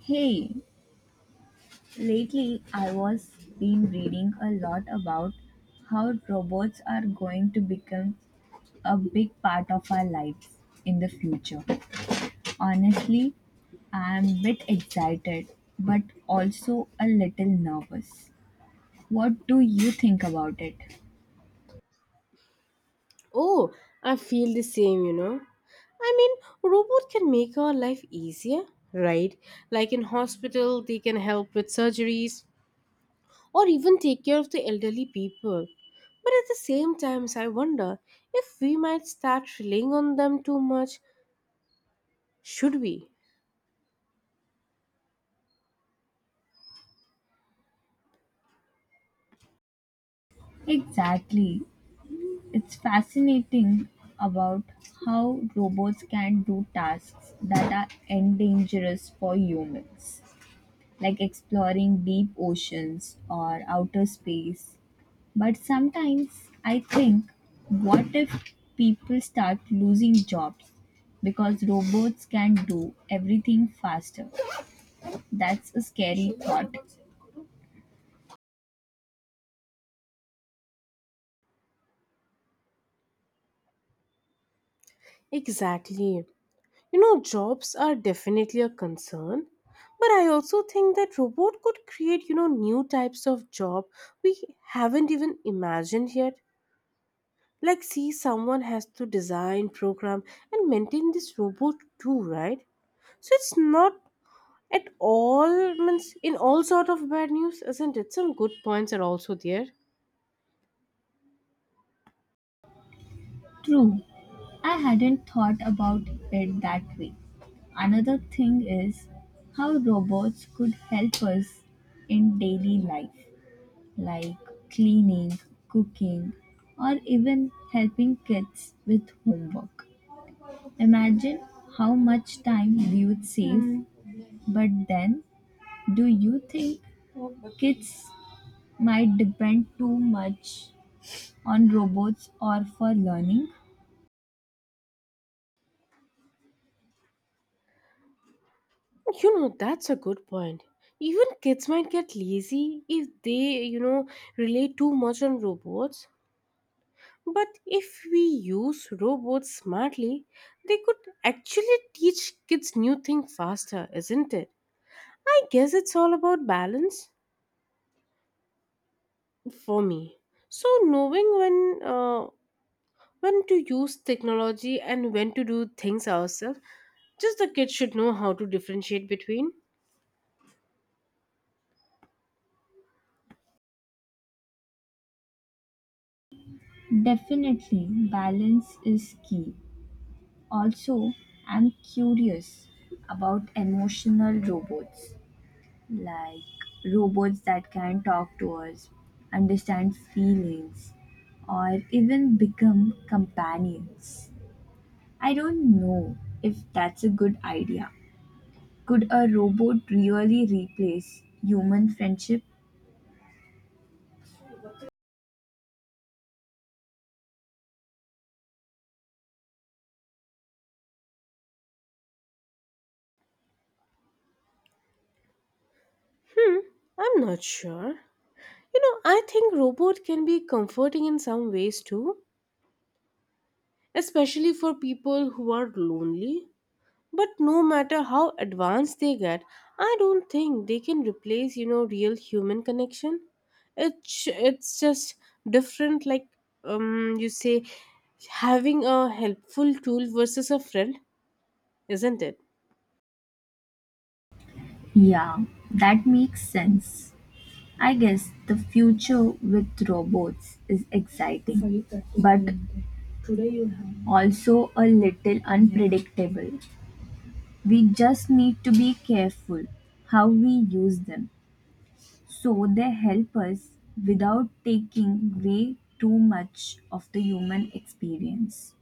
Hey, lately I was been reading a lot about how robots are going to become a big part of our lives in the future. Honestly, I'm a bit excited but also a little nervous. What do you think about it? Oh, I feel the same, you know. I mean, robot can make our life easier, right? Like in hospital, they can help with surgeries or even take care of the elderly people. But at the same times, I wonder if we might start relying on them too much. Should we? Exactly. It's fascinating about how robots can do tasks that are endangerous for humans, like exploring deep oceans or outer space. But sometimes I think, what if people start losing jobs because robots can do everything faster? That's a scary thought. Exactly. You know, jobs are definitely a concern. But I also think that robot could create, you know, new types of job we haven't even imagined yet. Like, see, someone has to design, program, and maintain this robot too, right? So it's not at all means in all sort of bad news, isn't it? Some good points are also there. True, I hadn't thought about it that way. Another thing is how robots could help us in daily life, like cleaning, cooking, or even helping kids with homework. Imagine how much time we would save. But then, do you think kids might depend too much on robots or for learning? You know, that's a good point. Even kids might get lazy if they, you know, rely too much on robots. But if we use robots smartly, they could actually teach kids new things faster, isn't it? I guess it's all about balance. For me. So knowing when to use technology and when to do things ourselves, just the kids should know how to differentiate between. Definitely, balance is key. Also, I'm curious about emotional robots, like robots that can talk to us, understand feelings, or even become companions. I don't know if that's a good idea. Could a robot really replace human friendship? Hmm, I'm not sure. You know, I think robot can be comforting in some ways too, especially for people who are lonely. But no matter how advanced they get, I don't think they can replace, you know, real human connection. It's just different like you say having a helpful tool versus a friend, isn't it? Yeah, that makes sense. I guess the future with robots is exciting, but also a little unpredictable. We just need to be careful how we use them so they help us without taking away too much of the human experience.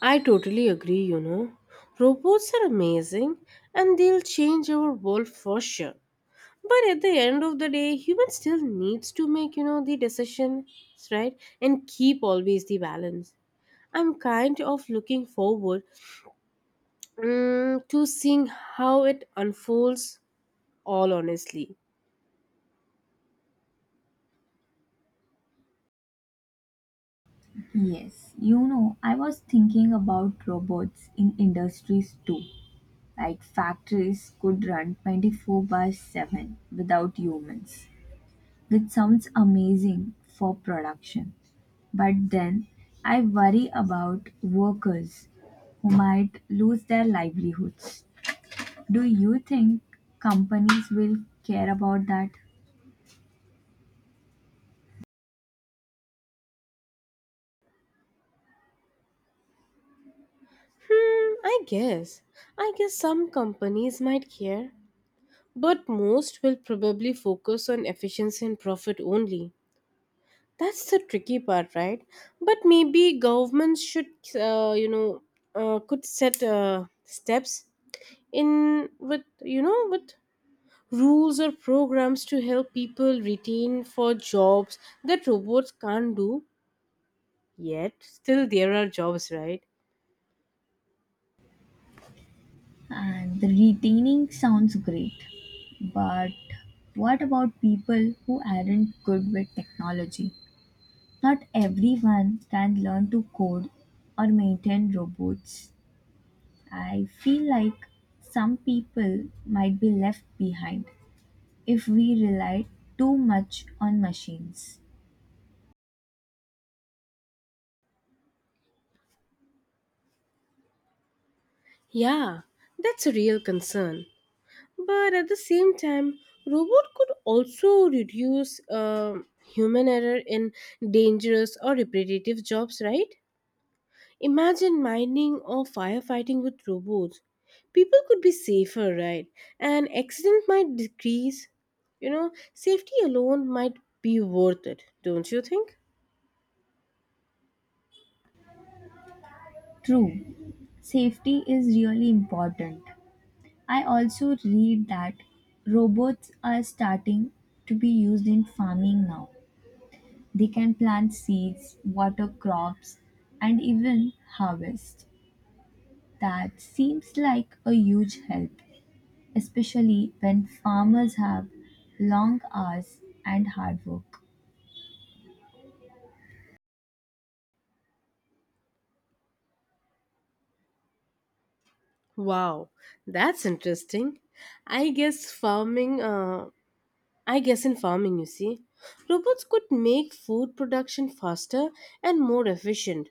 I totally agree, you know. Robots are amazing and they'll change our world for sure. But at the end of the day, human still needs to make, you know, the decisions, right? And keep always the balance. I'm kind of looking forward to seeing how it unfolds all honestly. Yes, I was thinking about robots in industries too. Like factories could run 24/7 without humans, which sounds amazing for production. But then I worry about workers who might lose their livelihoods. Do you think companies will care about that? Hmm, I guess. I guess some companies might care, but most will probably focus on efficiency and profit only. That's the tricky part, right? But maybe governments should, you know, could set steps in with, you know, with rules or programs to help people retain for jobs that robots can't do yet still there are jobs, right. And the retaining sounds great, but what about people who aren't good with technology? Not everyone can learn to code or maintain robots. I feel like some people might be left behind if we relied too much on machines. Yeah, that's a real concern, but at the same time robot could also reduce human error in dangerous or repetitive jobs, right. Imagine mining or firefighting with robots. People could be safer, right? And accident might decrease. You know, safety alone might be worth it, don't you think? True, safety is really important. I also read that robots are starting to be used in farming now. They can plant seeds, water crops, and even harvest. That seems like a huge help, especially when farmers have long hours and hard work. Wow, that's interesting. I guess farming, uh, I guess in farming, you see, robots could make food production faster and more efficient.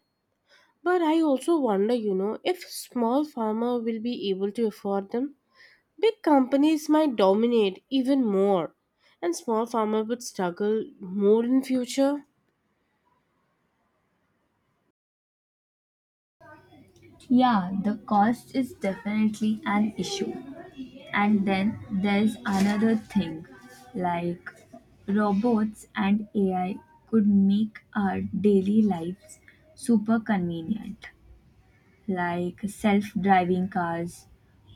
But I also wonder, you know, if small farmer will be able to afford them. Big companies might dominate even more, and small farmers would struggle more in future. Yeah, the cost is definitely an issue. And then there's another thing, like robots and AI could make our daily lives super convenient, like self driving cars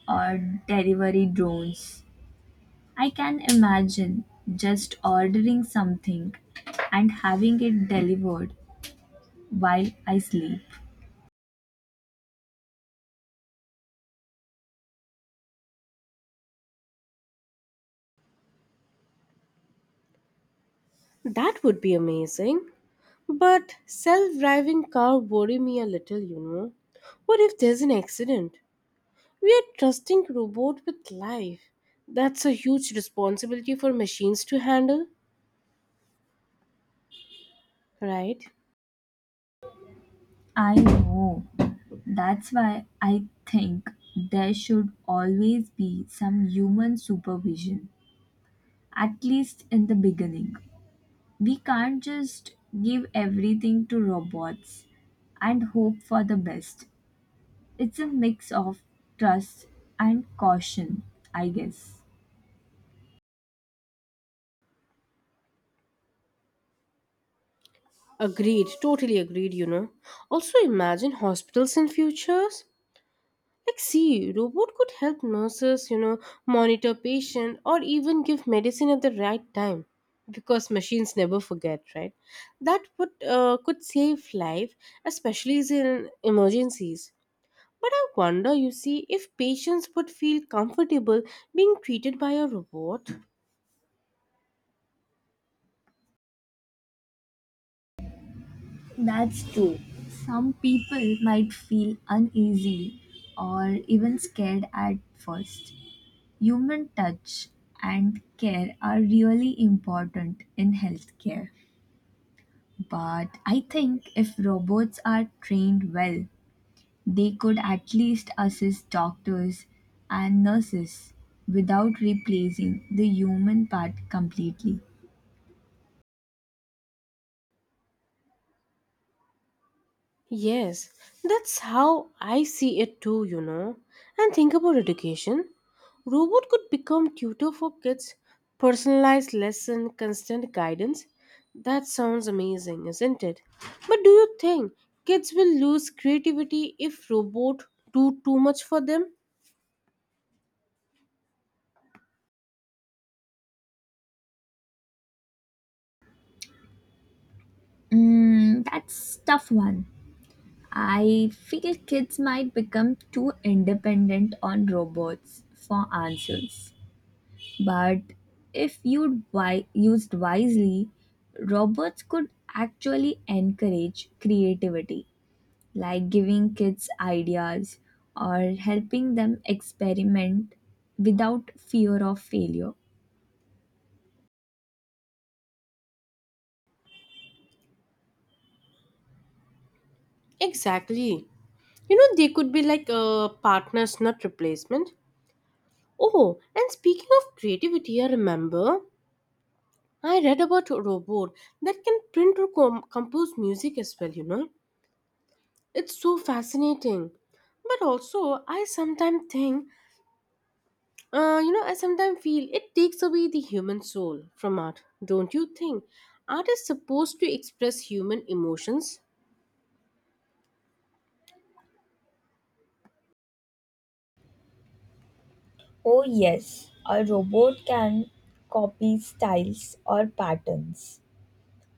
or delivery drones. I can imagine just ordering something and having it delivered while I sleep. That would be amazing. But self-driving car worry me a little, you know. What if there's an accident? We are trusting robot with life. That's a huge responsibility for machines to handle, right? I know. That's why I think there should always be some human supervision, at least in the beginning. We can't just give everything to robots and hope for the best. It's a mix of trust and caution, I guess. Agreed, totally agreed, you know. Also imagine hospitals in futures. Like, see, robot could help nurses, you know, monitor patient or even give medicine at the right time because machines never forget, right? That would could save life, especially in emergencies. But I wonder, you see, if patients would feel comfortable being treated by a robot. That's true. Some people might feel uneasy or even scared at first. Human touch and care are really important in healthcare. But I think if robots are trained well, they could at least assist doctors and nurses without replacing the human part completely. Yes, that's how I see it too, you know. And think about education. Robot could become tutor for kids, personalized lesson, constant guidance. That sounds amazing, isn't it? But do you think kids will lose creativity if robot do too much for them? Mm, that's tough one. I feel kids might become too independent on robots for answers. But if used wisely, robots could actually encourage creativity, like giving kids ideas or helping them experiment without fear of failure. Exactly. You know, they could be like partners, not replacement. Oh, and speaking of creativity, I remember I read about a robot that can print or compose music as well, you know. It's so fascinating. But also, I sometimes think, you know, I sometimes feel it takes away the human soul from art, don't you think? Art is supposed to express human emotions. Oh, yes, a robot can copy styles or patterns,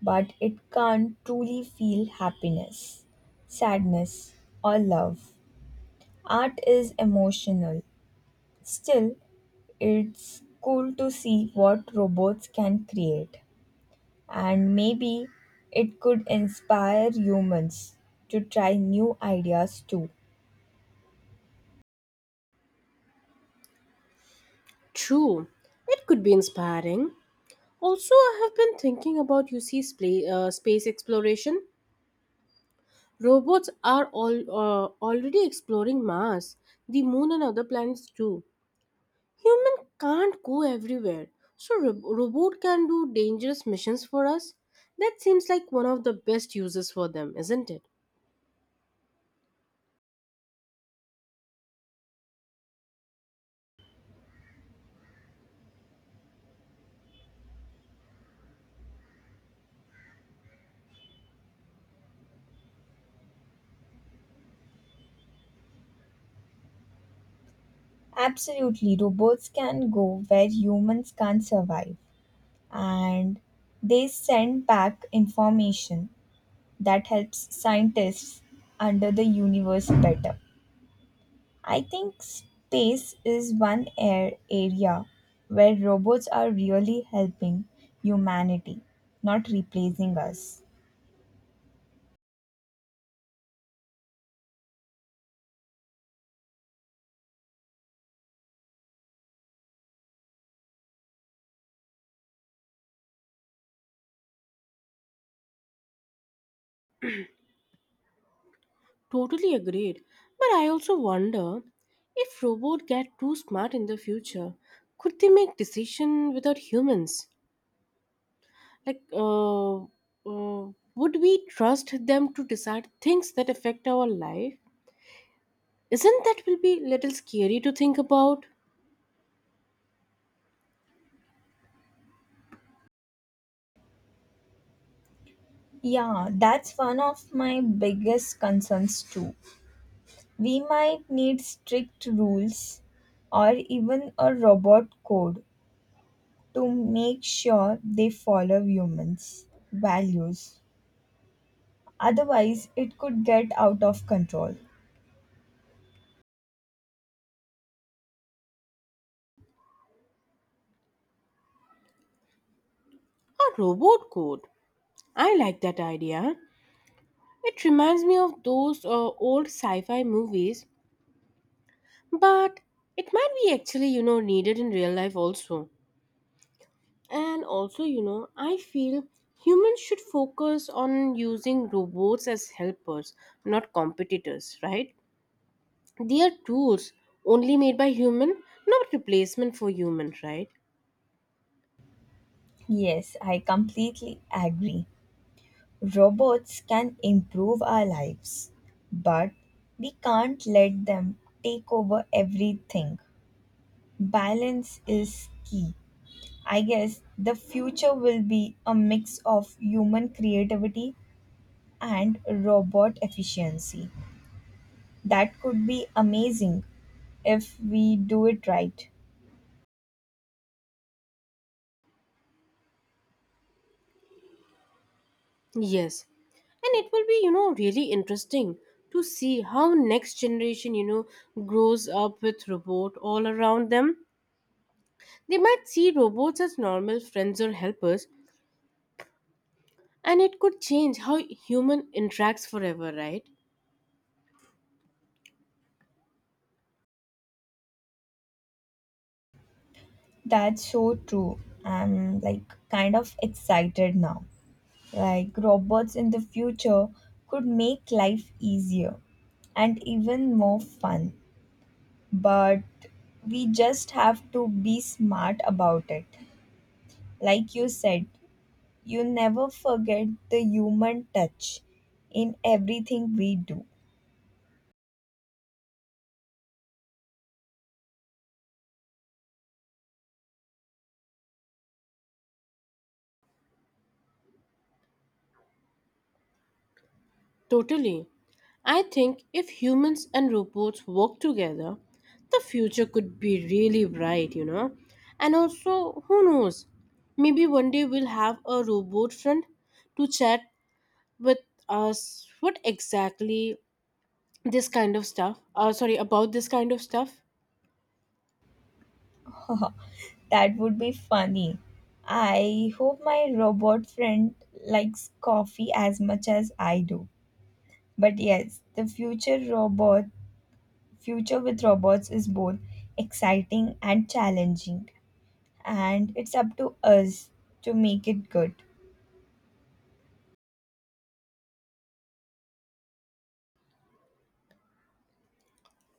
but it can't truly feel happiness, sadness, or love. Art is emotional. Still, it's cool to see what robots can create, and maybe it could inspire humans to try new ideas too. True, it could be inspiring. Also, I have been thinking about space exploration. Robots are already exploring Mars, the moon, and other planets too. Human can't go everywhere, so robot can do dangerous missions for us. That seems like one of the best uses for them, isn't it? Absolutely, robots can go where humans can't survive, and they send back information that helps scientists under the universe better. I think space is one air area where robots are really helping humanity, not replacing us. Totally agreed. But I also wonder if robots get too smart in the future, could they make decision without humans? Like, would we trust them to decide things that affect our life? Isn't that will be little scary to think about? Yeah, that's one of my biggest concerns too. We might need strict rules or even a robot code to make sure they follow humans' values. Otherwise, it could get out of control. A robot code. I like that idea. It reminds me of those old sci fi movies, but it might be actually, you know, needed in real life also. And also, you know, I feel humans should focus on using robots as helpers, not competitors, right? They are tools only made by human, not replacement for human, right? Yes, I completely agree. Robots can improve our lives, but we can't let them take over everything. Balance is key. I guess the future will be a mix of human creativity and robot efficiency. That could be amazing if we do it right. Yes. And it will be, you know, really interesting to see how next generation, you know, grows up with robot all around them. They might see robots as normal friends or helpers, and it could change how human interacts forever, right? That's so true. I'm like kind of excited now. Like robots in the future could make life easier and even more fun, but we just have to be smart about it. Like you said, you never forget the human touch in everything we do. Totally. I think if humans and robots work together, the future could be really bright, you know. And also, who knows? Maybe one day we'll have a robot friend to chat with us. What exactly this kind of stuff? Sorry, about this kind of stuff? That would be funny. I hope my robot friend likes coffee as much as I do. But yes, the future with robots is both exciting and challenging, and it's up to us to make it good.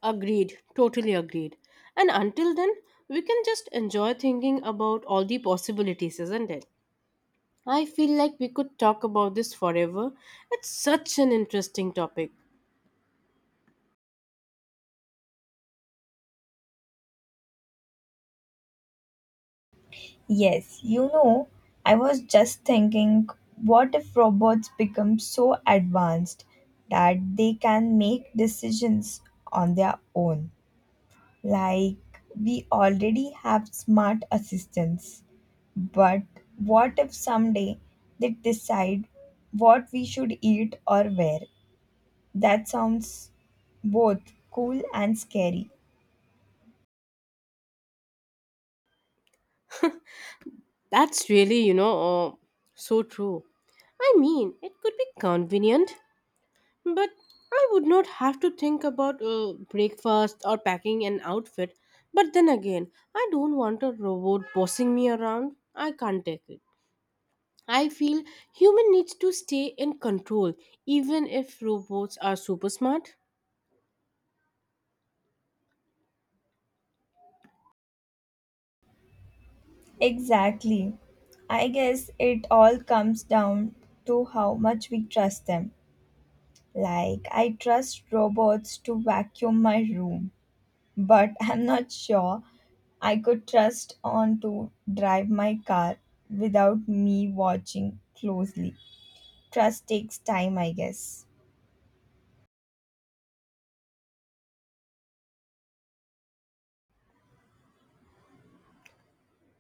Agreed, totally agreed. And until then, we can just enjoy thinking about all the possibilities, isn't it? I feel like we could talk about this forever. It's such an interesting topic. Yes, I was just thinking, what if robots become so advanced that they can make decisions on their own? Like, we already have smart assistants, but what if someday they decide what we should eat or wear? That sounds both cool and scary. That's really so true. I mean, it could be convenient, but I would not have to think about breakfast or packing an outfit. But then again, I don't want a robot bossing me around. I can't take it. I feel human needs to stay in control even if robots are super smart. Exactly. I guess it all comes down to how much we trust them. Like, I trust robots to vacuum my room, but I'm not sure I could trust on to drive my car without me watching closely. Trust takes time, I guess.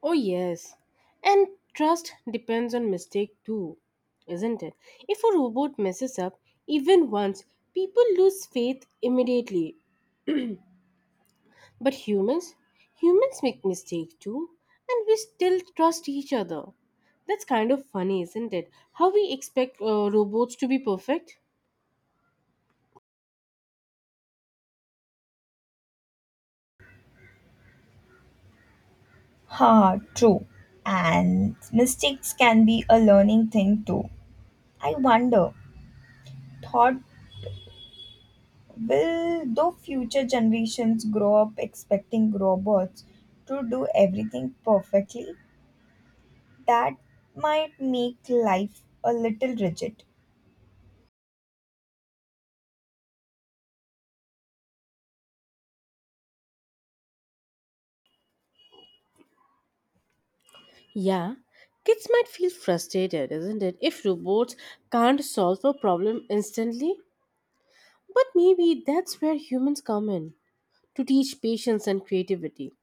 Oh yes. And trust depends on mistake too, isn't it? If a robot messes up even once, people lose faith immediately. But humans make mistakes too, and we still trust each other. That's kind of funny, isn't it? How we expect robots to be perfect? Ha, true. And mistakes can be a learning thing too. I wonder thought, will the future generations grow up expecting robots to do everything perfectly? That might make life a little rigid. Yeah, kids might feel frustrated, isn't it, if robots can't solve a problem instantly? But maybe that's where humans come in to teach patience and creativity.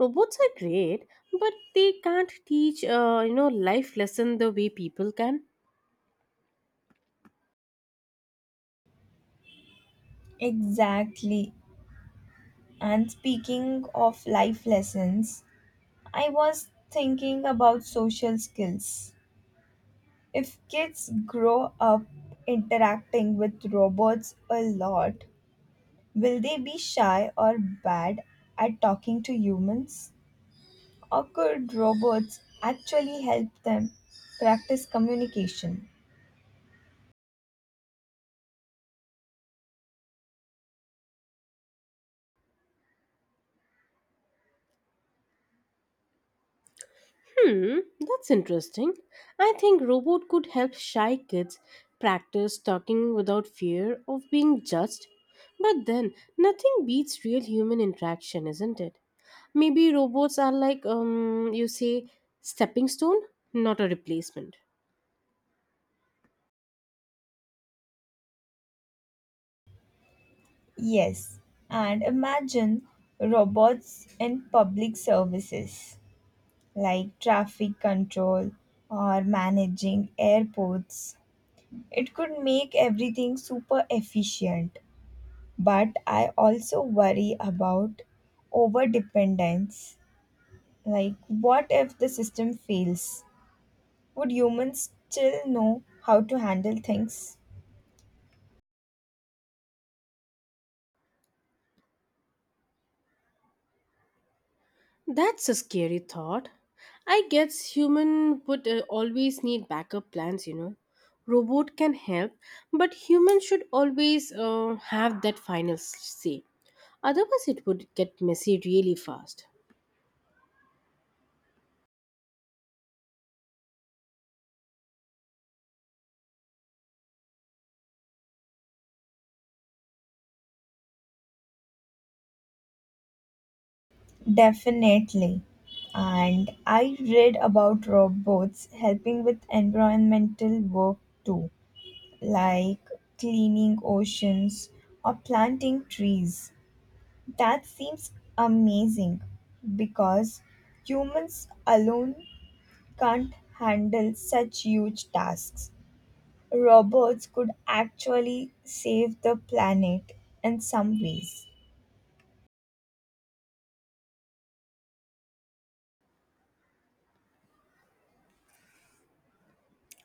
Robots are great, but they can't teach, you know, life lesson the way people can. Exactly. And speaking of life lessons, I was thinking about social skills. If kids grow up interacting with robots a lot, will they be shy or bad at talking to humans? Or could robots actually help them practice communication? Hmm, that's interesting. I think robot could help shy kids practice talking without fear of being judged. But then, nothing beats real human interaction, isn't it? Maybe robots are like you say stepping stone, not a replacement. Yes, and imagine robots in public services like traffic control or managing airports. It could make everything super efficient, but I also worry about over dependence. Like, what if the system fails? Would humans still know how to handle things? That's a scary thought. I guess human would always need backup plans, you know. Robot can help, but humans should always have that final say. Otherwise, it would get messy really fast. Definitely. And I read about robots helping with environmental work too, like cleaning oceans or planting trees. That seems amazing because humans alone can't handle such huge tasks. Robots could actually save the planet in some ways.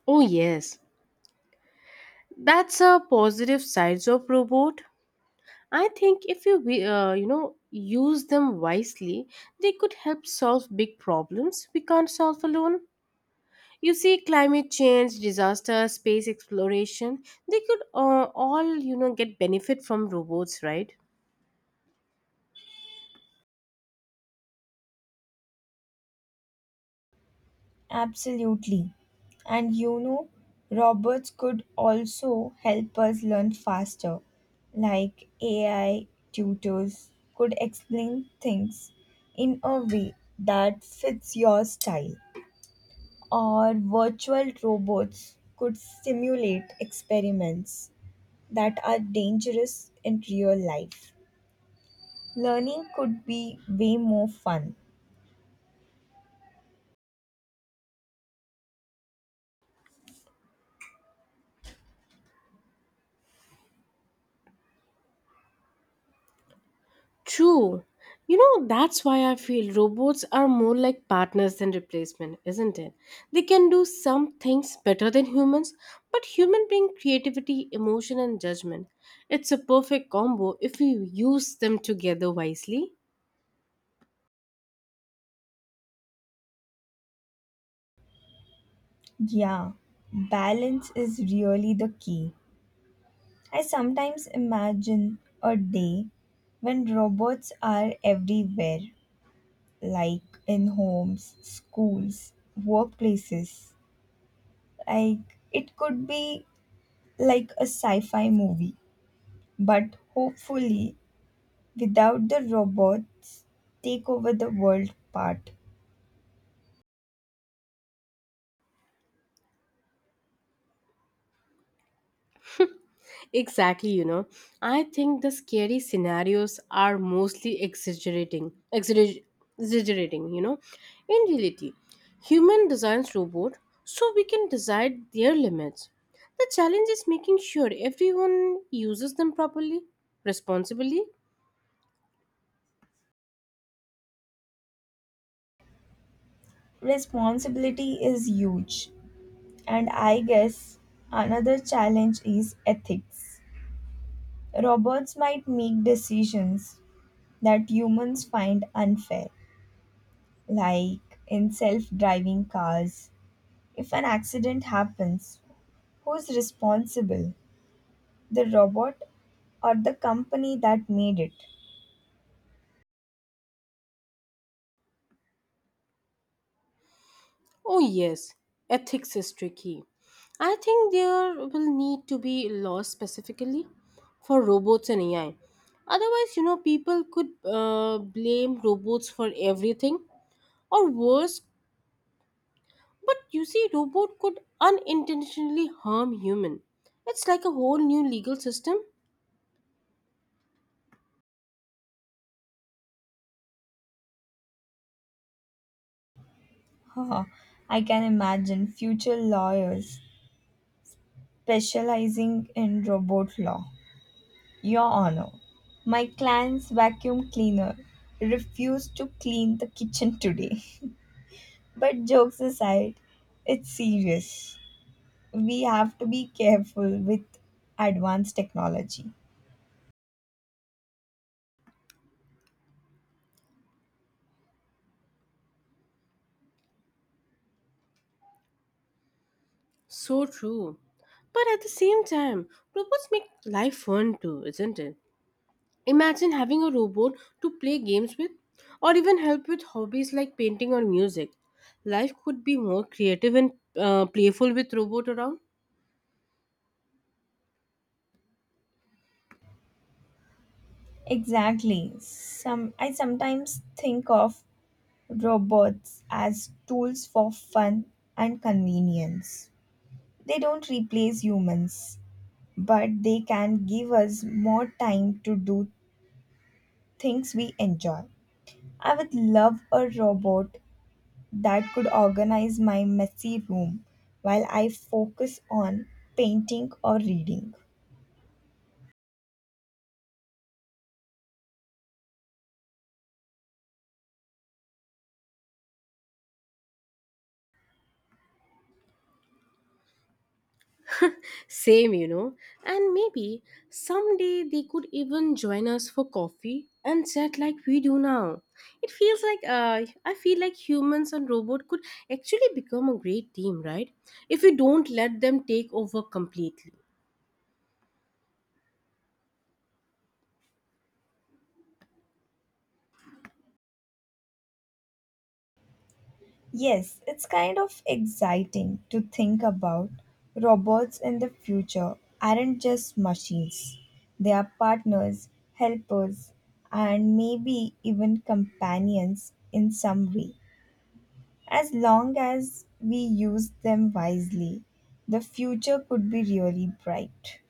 Oh yes, that's a positive sides of robot. I think if you know use them wisely, they could help solve big problems we can't solve alone. You see, climate change, disaster, space exploration, they could all, you know, get benefit from robots, right? Absolutely. And robots could also help us learn faster. Like AI tutors could explain things in a way that fits your style, or virtual robots could simulate experiments that are dangerous in real life. Learning could be way more fun. True. You know, that's why I feel robots are more like partners than replacement, isn't it? They can do some things better than humans, but human bring creativity, emotion and judgment. It's a perfect combo if we use them together wisely. Yeah, balance is really the key. I sometimes imagine a day when robots are everywhere, like in homes, schools, workplaces. Like it could be like a sci fi movie, but hopefully without the robots take over the world part. Exactly, you know. I think the scary scenarios are mostly exaggerating, you know. In reality, human designs robot so we can design their limits. The challenge is making sure everyone uses them properly, responsibly. Responsibility is huge, and I guess another challenge is ethics. Robots might make decisions that humans find unfair, like in self driving cars. If an accident happens, who's responsible? The robot or the company that made it? Oh, yes, ethics is tricky. I think there will need to be laws specifically for robots and AI. Otherwise, you know, people could blame robots for everything, or worse. But you see, robot could unintentionally harm human. It's like a whole new legal system. Haha, I can imagine future lawyers specializing in robot law. Your Honor, my client's vacuum cleaner refused to clean the kitchen today. But jokes aside, it's serious. We have to be careful with advanced technology. So true. But at the same time, robots make life fun too, isn't it? Imagine having a robot to play games with or even help with hobbies like painting or music. Life could be more creative and playful with robot around. Exactly. Some I sometimes think of robots as tools for fun and convenience. They don't replace humans, but they can give us more time to do things we enjoy. I would love a robot that could organize my messy room while I focus on painting or reading. Same, you know. And maybe someday they could even join us for coffee and chat like we do now. It feels like I feel like humans and robot could actually become a great team, right? If we don't let them take over completely. Yes, it's kind of exciting to think about. Robots in the future aren't just machines, they are partners, helpers, and maybe even companions in some way. As long as we use them wisely, the future could be really bright.